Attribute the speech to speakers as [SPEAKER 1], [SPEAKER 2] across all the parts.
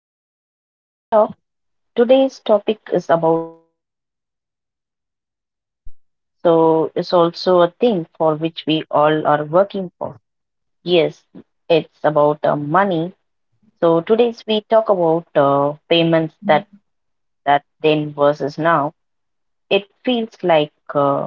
[SPEAKER 1] welcome to today's talk. Today's topic is about something we uses in our daily life. So it's also a thing for which we all are working for. Yes, it's about money. So today's we talk about payments that then versus now. It feels like uh,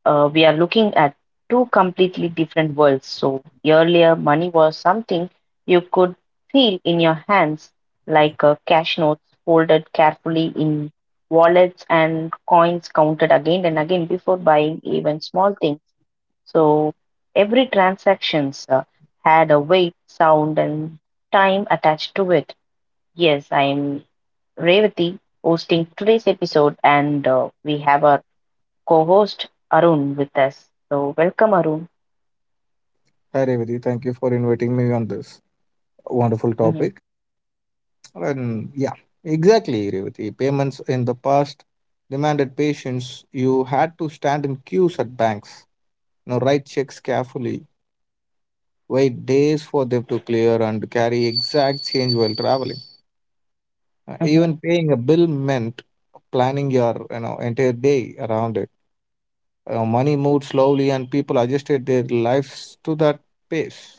[SPEAKER 1] uh, we are looking at two completely different worlds. So, earlier, money was something you could feel in your hands, like cash notes folded carefully in wallets and coins counted again and again before buying even small things. So, every transaction had a weight, sound, and time attached to it. Yes, I am Revati hosting today's episode, and we have our co-host Arun with us. So welcome, Arun.
[SPEAKER 2] Hi Revati, thank you for inviting me on this wonderful
[SPEAKER 1] hmm
[SPEAKER 2] topic. And yeah, exactly, Revati. Payments in the past demanded patience. You had to stand in queues at banks, you know, write checks carefully, wait days for them to clear, and carry exact change while traveling.
[SPEAKER 1] hmm
[SPEAKER 2] Even paying a bill meant planning your entire day around it. Money moved slowly, and people adjusted their lives to that pace.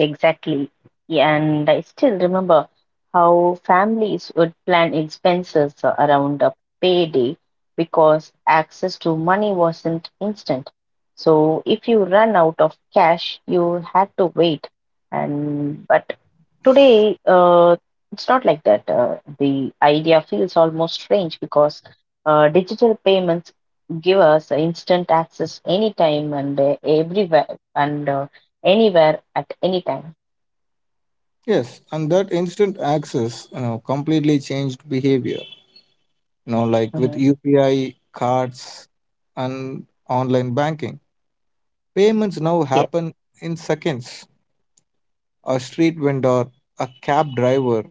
[SPEAKER 1] Exactly. Yeah, and I still remember how families would plan expenses around a payday because access to money wasn't instant. So if you run out of cash, you had to wait. And but Today, it's not like that. The idea feels almost strange because digital payments give us instant access anytime and everywhere and anywhere at any time.
[SPEAKER 2] Yes, and that instant access, you know, completely changed behavior. You know, like with
[SPEAKER 1] Mhm.
[SPEAKER 2] UPI cards and online banking, payments now
[SPEAKER 1] Yes,
[SPEAKER 2] happen in seconds. A street vendor, a cab driver,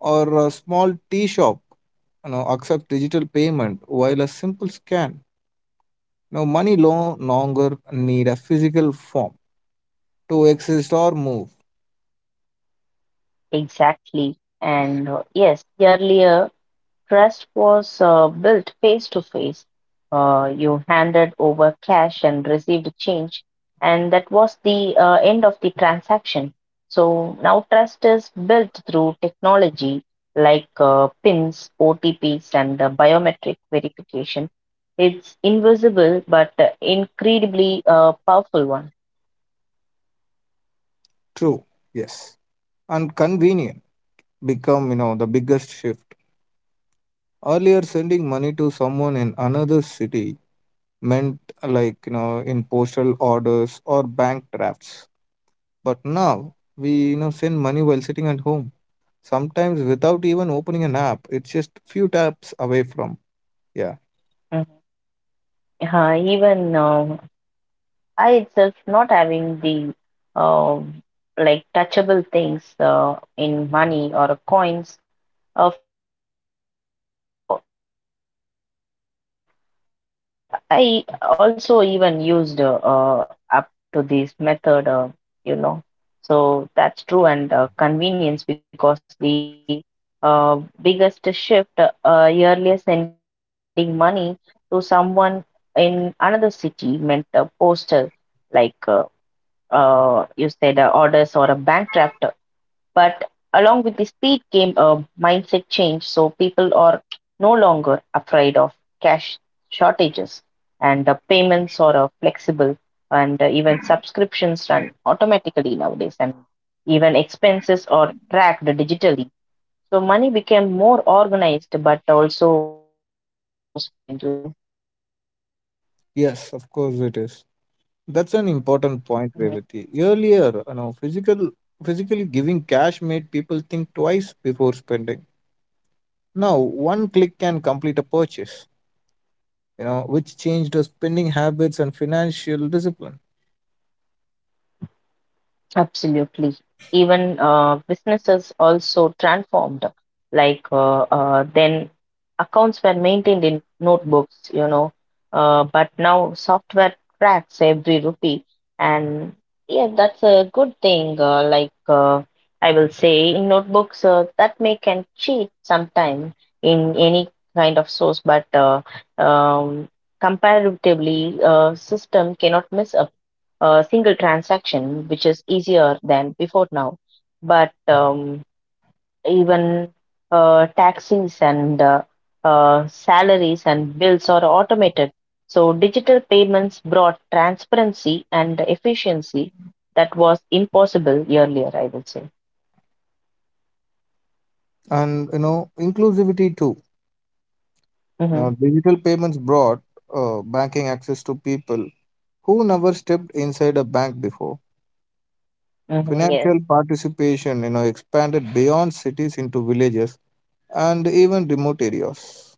[SPEAKER 2] or a small tea shop, you know, accept digital payment while a simple scan. Now, money no longer need a physical form to exist or move.
[SPEAKER 1] exactly. And yes, earlier trust was built face to face. You handed over cash and received change, and that was the end of the transaction. So now trust is built through technology like PINs, OTPs, and biometric verification. It's invisible but incredibly powerful one.
[SPEAKER 2] True. Yes, and convenient become the biggest shift. Earlier, sending money to someone in another city meant like in postal orders or bank drafts. But now we send money while sitting at home, sometimes without even opening an app. It's just few taps away from. Yeah.
[SPEAKER 1] Mhm. Even I itself not having the um like touchable things in money or coins. A few things only I'm having my pouch or a purse. I also even used up to this method, uh, you know. So that's true and convenience because the uh, biggest shift earlier sending money to someone in another city meant a postal like you said orders or a bank draft. But along with the speed came a mindset change, so people are no longer afraid of cash shortages, and the payments are flexible, and even subscriptions run automatically nowadays, and even expenses are tracked digitally. So money became more organized, but also easier to spend. You know.
[SPEAKER 2] Yes, of course it is. That's an important point,
[SPEAKER 1] Mm-hmm.
[SPEAKER 2] Revati. Earlier, you know, physically giving cash made people think twice before spending. Now, one click can complete a purchase, you know, which changed our spending habits and financial discipline.
[SPEAKER 1] Absolutely. Even businesses also transformed. Like then, accounts were maintained in notebooks, you know, but now software tracks every rupee, and yeah, that's a good thing. Like I will say, in notebooks that may can cheat sometime in any kind of source, but um, comparatively, system cannot miss a single transaction, which is easier than before now. But even taxes and salaries and bills are automated. So digital payments brought transparency and efficiency that was impossible earlier, I would say.
[SPEAKER 2] And, you know, inclusivity too.
[SPEAKER 1] hmm
[SPEAKER 2] Now, digital payments brought banking access to people who never stepped inside a bank before.
[SPEAKER 1] yes.
[SPEAKER 2] Financial participation, you know, expanded beyond cities into villages and even remote areas.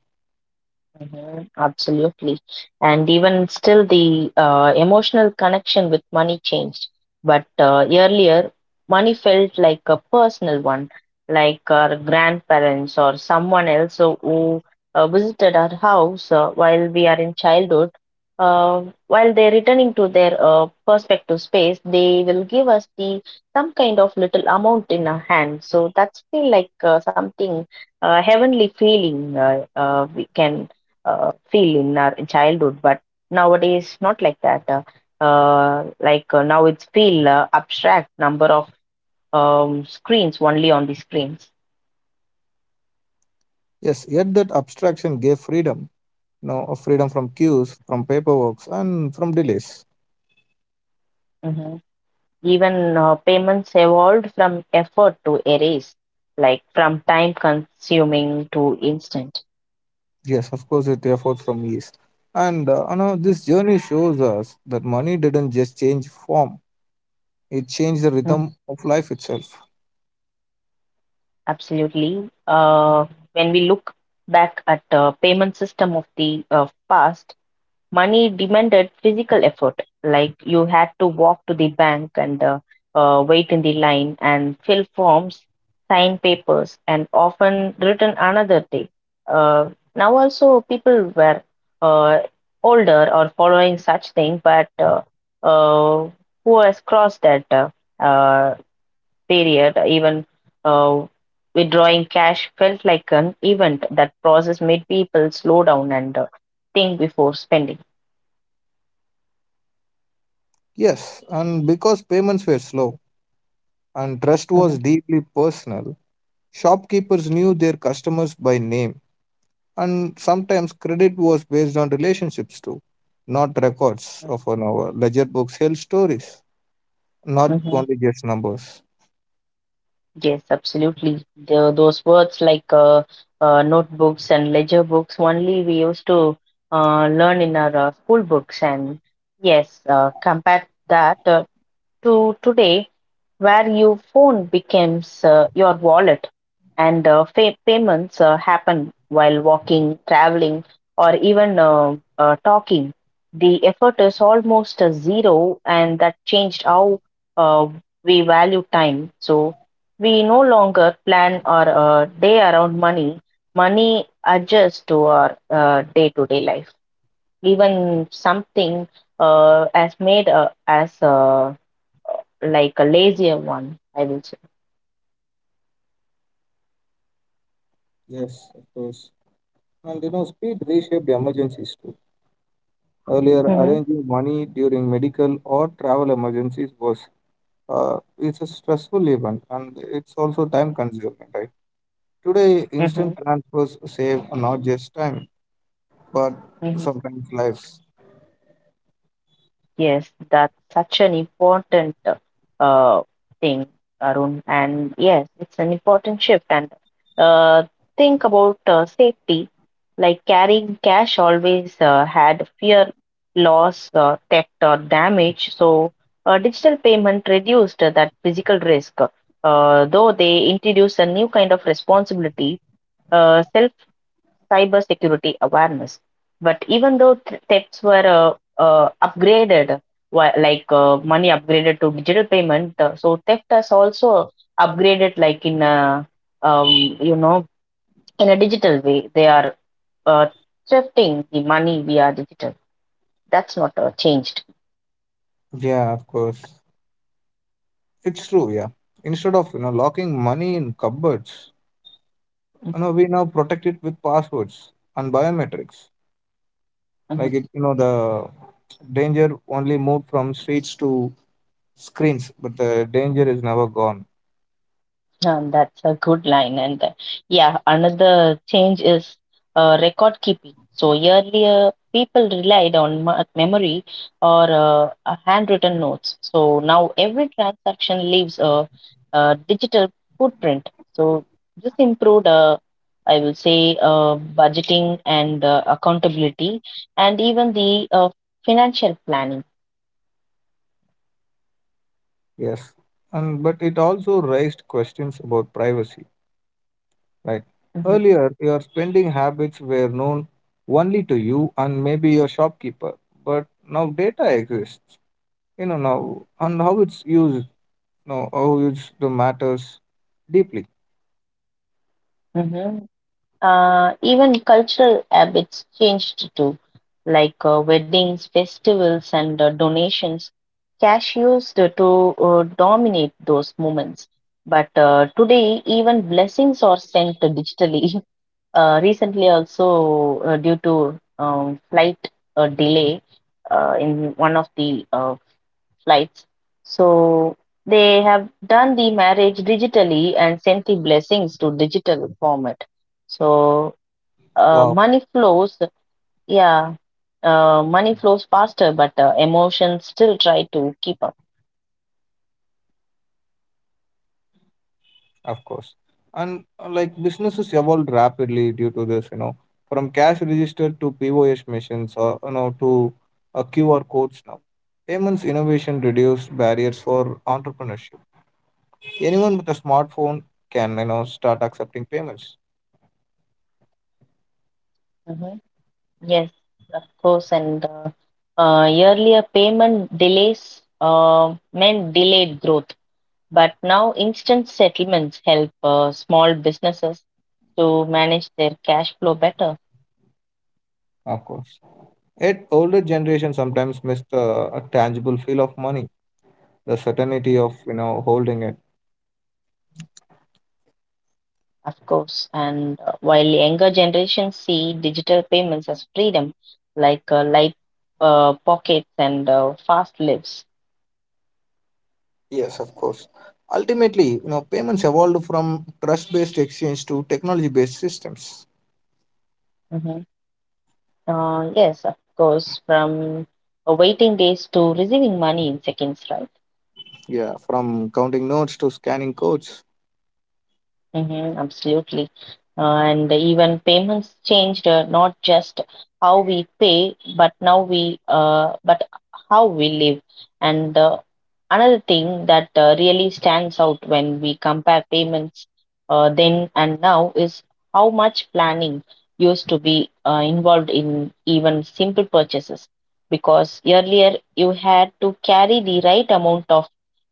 [SPEAKER 1] Mhm, absolutely. And even still, the emotional connection with money changed. But earlier, money felt like a personal one, like our grandparents or someone else who visited our house while we are in childhood. While they're returning to their perspective space, they will give us the some kind of little amount in our hand. So that's feel like something heavenly feeling we can feel in our childhood but nowadays not like that, now it's feel abstract number of screens only on the screens.
[SPEAKER 2] Yes, yet that abstraction gave freedom, you know, of freedom from queues, from paperwork, and from delays.
[SPEAKER 1] Hmm even Payments evolved from effort to erase, like from time consuming to instant.
[SPEAKER 2] Yes, of course, it effort from East. And You know, this journey shows us that money didn't just change form, it changed the
[SPEAKER 1] Mhm.
[SPEAKER 2] rhythm of life itself.
[SPEAKER 1] Absolutely. Uh, when we look back at the payment system of the uh, past, money demanded physical effort, like you had to walk to the bank and wait in the line and fill forms, sign papers, and often return another day. Uh, Now, also, people were uh, older or following such thing, but uh, who has crossed that uh, period, even uh, withdrawing cash felt like an event that process made people slow down and think before spending.
[SPEAKER 2] Yes, and because payments were slow and trust was
[SPEAKER 1] Mm-hmm,
[SPEAKER 2] deeply personal, shopkeepers knew their customers by name, and sometimes credit was based on relationships too, not records
[SPEAKER 1] hmm
[SPEAKER 2] of an hour. Ledger books held stories, not
[SPEAKER 1] hmm
[SPEAKER 2] only just numbers.
[SPEAKER 1] Yes, absolutely. Those words like notebooks and ledger books only we used to learn in our school books. And yes, compare that to today, where your phone becomes your wallet and payments happen while walking, traveling, or even talking. The effort is almost a zero, and that changed how uh, we value time. So we no longer plan our day around money. Money adjusts to our day-to-day life. Even something as made as like a lazier one, I will.
[SPEAKER 2] Yes, of course. And you know, speed reshaped emergencies too. Earlier,
[SPEAKER 1] hmm
[SPEAKER 2] arranging money during medical or travel emergencies was it's a stressful event and it's also time consuming, right? Today,
[SPEAKER 1] hmm
[SPEAKER 2] instant transfers save not just time but
[SPEAKER 1] hmm
[SPEAKER 2] sometimes lives.
[SPEAKER 1] Yes, that's such an important uh, thing, Arun. And yes, it's an important shift. And uh, think about safety. Like carrying cash always had fear, loss, theft, or damage. So digital payment reduced that physical risk. Though they introduced a new kind of responsibility, uh, cybersecurity awareness. But even though thefts were upgraded, like money upgraded to digital payment, so theft has also upgraded, like in a, you know, in a digital way. They are uh, thrifting the money via digital. That's not changed.
[SPEAKER 2] Yeah, of course, it's true. Yeah, instead of locking money in cupboards, you know we now protect it with passwords and biometrics. Like
[SPEAKER 1] Mhm.
[SPEAKER 2] it, you know the danger only moved from streets to screens, but the danger is never gone.
[SPEAKER 1] That's a good line. And yeah, another change is record keeping. So earlier, people relied on memory or handwritten notes. So now every transaction leaves a digital footprint. So this improved, I will say, budgeting and accountability, and even the financial planning.
[SPEAKER 2] Yes, and but it also raised questions about privacy, right?
[SPEAKER 1] Mm-hmm.
[SPEAKER 2] Earlier, your spending habits were known only to you and maybe your shopkeeper, but now data exists, you know, now and how it's used, you know, how it's the matters deeply.
[SPEAKER 1] Mm-hmm. Even cultural habits changed too, like weddings, festivals, and donations. Cash used to dominate those moments. But today, even blessings are sent digitally. Recently, also due to flight delay in one of the flights, so they have done the marriage digitally and sent the blessings to digital format. So
[SPEAKER 2] Wow.
[SPEAKER 1] money flows, yeah, money flows faster, but emotions still try to keep up.
[SPEAKER 2] Of course. And Like businesses evolved rapidly due to this, you know, from cash register to POS machines or, you know, to QR codes now. Payments innovation reduced barriers for entrepreneurship. Anyone with a smartphone can, you know, start accepting payments.
[SPEAKER 1] hmm Yes, of course. And earlier payment delays meant delayed growth, but now instant settlements help small businesses to manage their cash flow better.
[SPEAKER 2] Of course. Yet older generation sometimes miss the tangible feel of money, the
[SPEAKER 1] Mhm.
[SPEAKER 2] certainty of, you know, holding it.
[SPEAKER 1] Of course, and while younger generations see digital payments as freedom, like light pockets and fast lives.
[SPEAKER 2] Yes, of course. Ultimately, you know, payments evolved from trust-based exchange to technology-based systems.
[SPEAKER 1] Mhm. Yes, of course, from waiting days to receiving money in seconds, right?
[SPEAKER 2] Yeah, from counting notes to scanning codes.
[SPEAKER 1] Mm-hmm, absolutely. And even payments changed not just how we pay, but how we live. And another thing that really stands out when we compare payments then and now is how much planning used to be involved in even simple purchases. Because earlier you had to carry the right amount of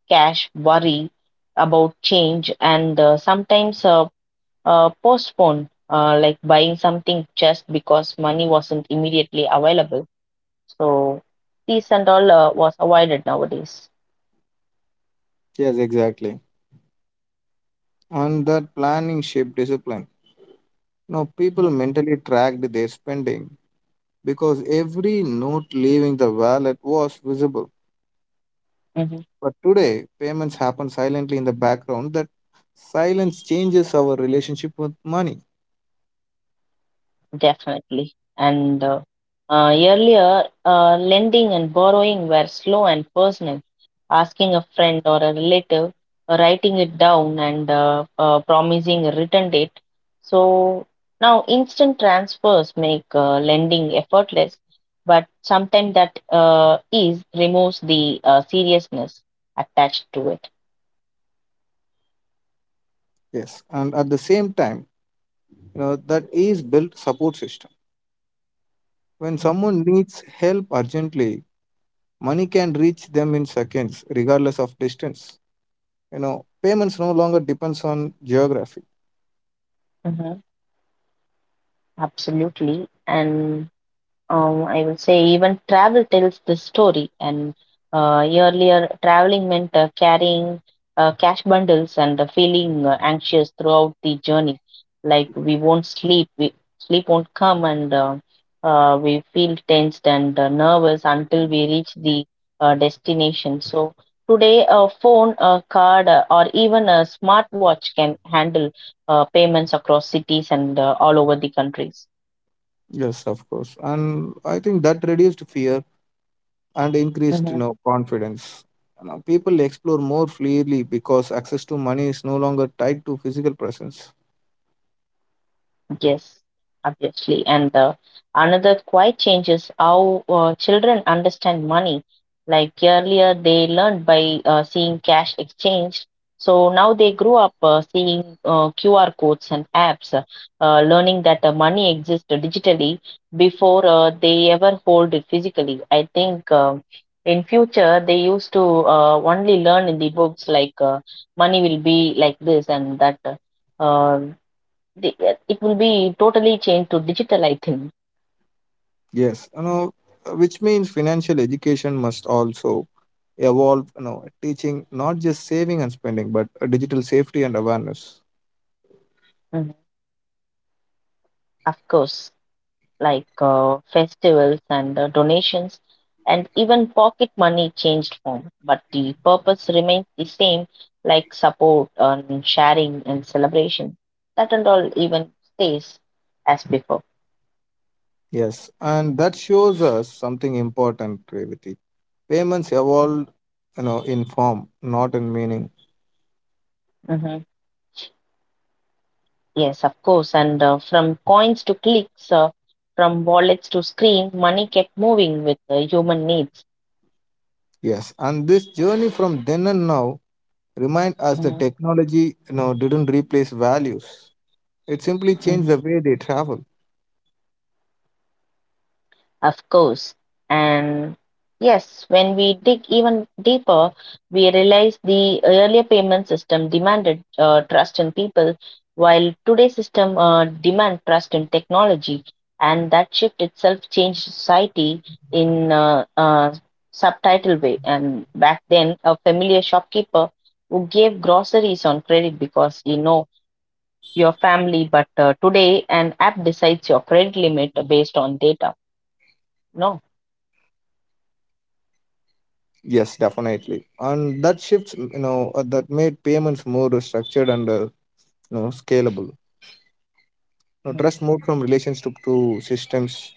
[SPEAKER 1] cash, worry about change, and sometimes postpone, like buying something just because money wasn't immediately available. So, these and all was avoided nowadays.
[SPEAKER 2] Yes, exactly. And that planning shaped discipline. Now, people
[SPEAKER 1] Mhm.
[SPEAKER 2] mentally tracked their spending because every note leaving the wallet was visible.
[SPEAKER 1] Mhm.
[SPEAKER 2] But today, payments happen silently in the background. That silence changes our relationship with money.
[SPEAKER 1] Definitely. And earlier, lending and borrowing were slow and personal. Asking a friend or a relative, writing it down, and promising a return date. So now instant transfers make lending effortless, but sometimes that ease removes the seriousness attached to it.
[SPEAKER 2] Yes, and at the same time, you know, that is built support system. When
[SPEAKER 1] Mhm.
[SPEAKER 2] someone needs help urgently, money can reach them in seconds, regardless of distance. You know, payments no longer depends on geography.
[SPEAKER 1] Mhm. Absolutely. And I will say even travel tells the story. And earlier, traveling meant carrying cash bundles and feeling anxious throughout the journey. Like we won't sleep, sleep won't come, and we feel tensed and nervous until we reach the destination. So today, a phone, a card, or even a smartwatch can handle payments across cities and all over the countries.
[SPEAKER 2] Yes, of course. And I think that reduced fear and increased, you
[SPEAKER 1] Mm-hmm.
[SPEAKER 2] know, confidence. You know, people explore more freely because access to money is no longer tied to physical presence.
[SPEAKER 1] Yes, obviously. And another quite change is how children understand money. Like earlier, they learned by seeing cash exchange. So now they grew up seeing QR codes and apps, learning that money exists digitally before they ever hold it physically. I think in future they used to only learn in the books like money will be like this and that. Uh, the, it will be totally changed to digital, I think.
[SPEAKER 2] Yes, you know, which means financial education must also evolve, you know, teaching not just saving and spending but digital safety and awareness.
[SPEAKER 1] Mhm. Of course, like festivals and donations and even pocket money changed form, but the purpose remains the same, like support and sharing and celebration. That and all even stays as before.
[SPEAKER 2] Yes, and that shows us something important, Revati. Payments evolved, you know, in form not in meaning.
[SPEAKER 1] hmm Yes, of course. And from coins to clicks, from wallets to screen, money kept moving with human needs.
[SPEAKER 2] Yes, and this journey from then and now remind us that technology, you know, didn't replace values. It simply changed
[SPEAKER 1] Mhm.
[SPEAKER 2] the way they travel.
[SPEAKER 1] Of course. And yes, when we dig even deeper, we realize the earlier payment system demanded trust in people, while today's system demand trust in technology. And that shift itself changed society in a subtitle way. And back then, a familiar shopkeeper who gave groceries on credit because you know your family, but today an app decides your credit limit based on data. No.
[SPEAKER 2] Yes, definitely. And that shifts, you know, that made payments more structured and, you know, scalable. You know, trust moved from relations to systems,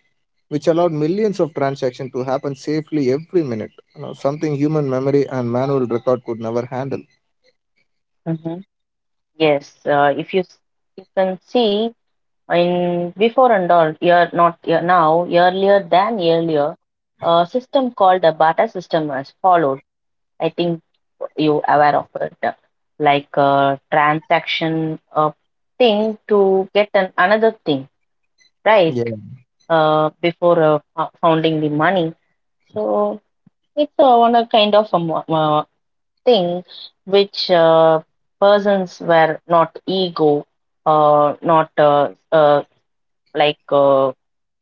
[SPEAKER 2] which allowed millions of transactions to happen safely every minute. You know, something human memory and manual record could never handle.
[SPEAKER 1] hmm Yes, if you you can see in before and all year not year, now earlier than earlier, a system called the Bata system was followed. I think you aware of it, like a transaction thing to get an another thing, right?
[SPEAKER 2] Yeah.
[SPEAKER 1] Before founding the money, so it's one a kind of a thing which persons were not ego, not like uh,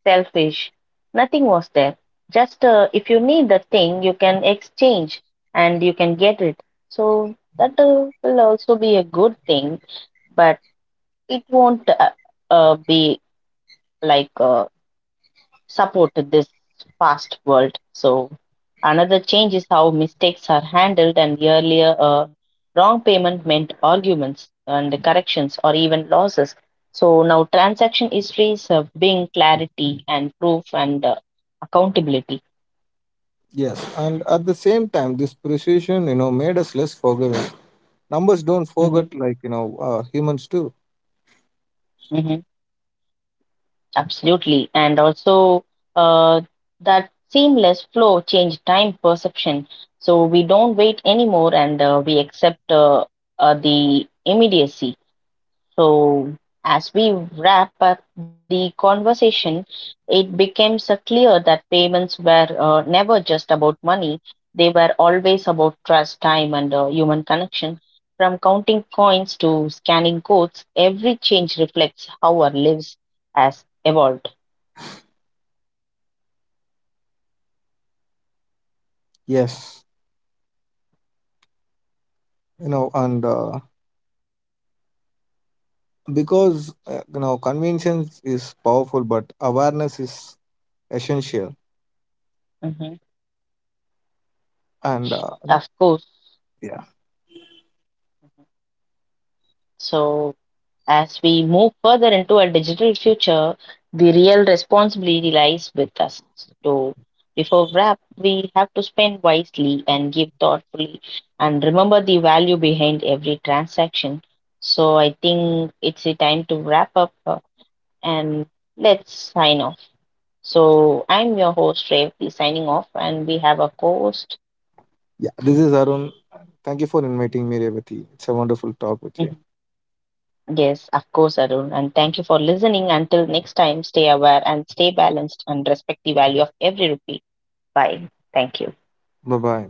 [SPEAKER 1] selfish. Nothing was there. Just if you need the thing, you can exchange and you can get it. So that will also be a good thing, but it won't be like support this fast world. So another change is how mistakes are handled and earlier wrong payment meant arguments and corrections or even losses. So now transaction histories have being clarity and proof and accountability.
[SPEAKER 2] Yes, and at the same time, this precision, you know, made us less forgiving. Numbers don't
[SPEAKER 1] hmm
[SPEAKER 2] forget like you know humans do.
[SPEAKER 1] hmm Absolutely. And also uh, that seamless flow change time perception. So we don't wait anymore and we accept the immediacy. So, as we wrap up the conversation, it becomes clear that payments were never just about money, they were always about trust, time, and human connection. From counting coins to scanning codes, every change reflects how our lives has evolved.
[SPEAKER 2] Yes. you know and Because you know, conventions is powerful but awareness is essential.
[SPEAKER 1] Mhm.
[SPEAKER 2] And you know
[SPEAKER 1] Of course.
[SPEAKER 2] Yeah.
[SPEAKER 1] So, as we move further into a digital future, the real responsibility lies with us. So, before wrap, we have to spend wisely and give thoughtfully and remember the value behind every transaction. So, I think it's the time to wrap up and let's sign off. So, I'm your host, Revati, signing off, and we have a co host.
[SPEAKER 2] Yeah, this is Arun. Thank you for inviting me, Revati. It's a wonderful talk with you.
[SPEAKER 1] Yes, of course, Arun. And thank you for listening. Until next time, stay aware and stay balanced and respect the value of every rupee. Bye. Thank you.
[SPEAKER 2] Bye bye.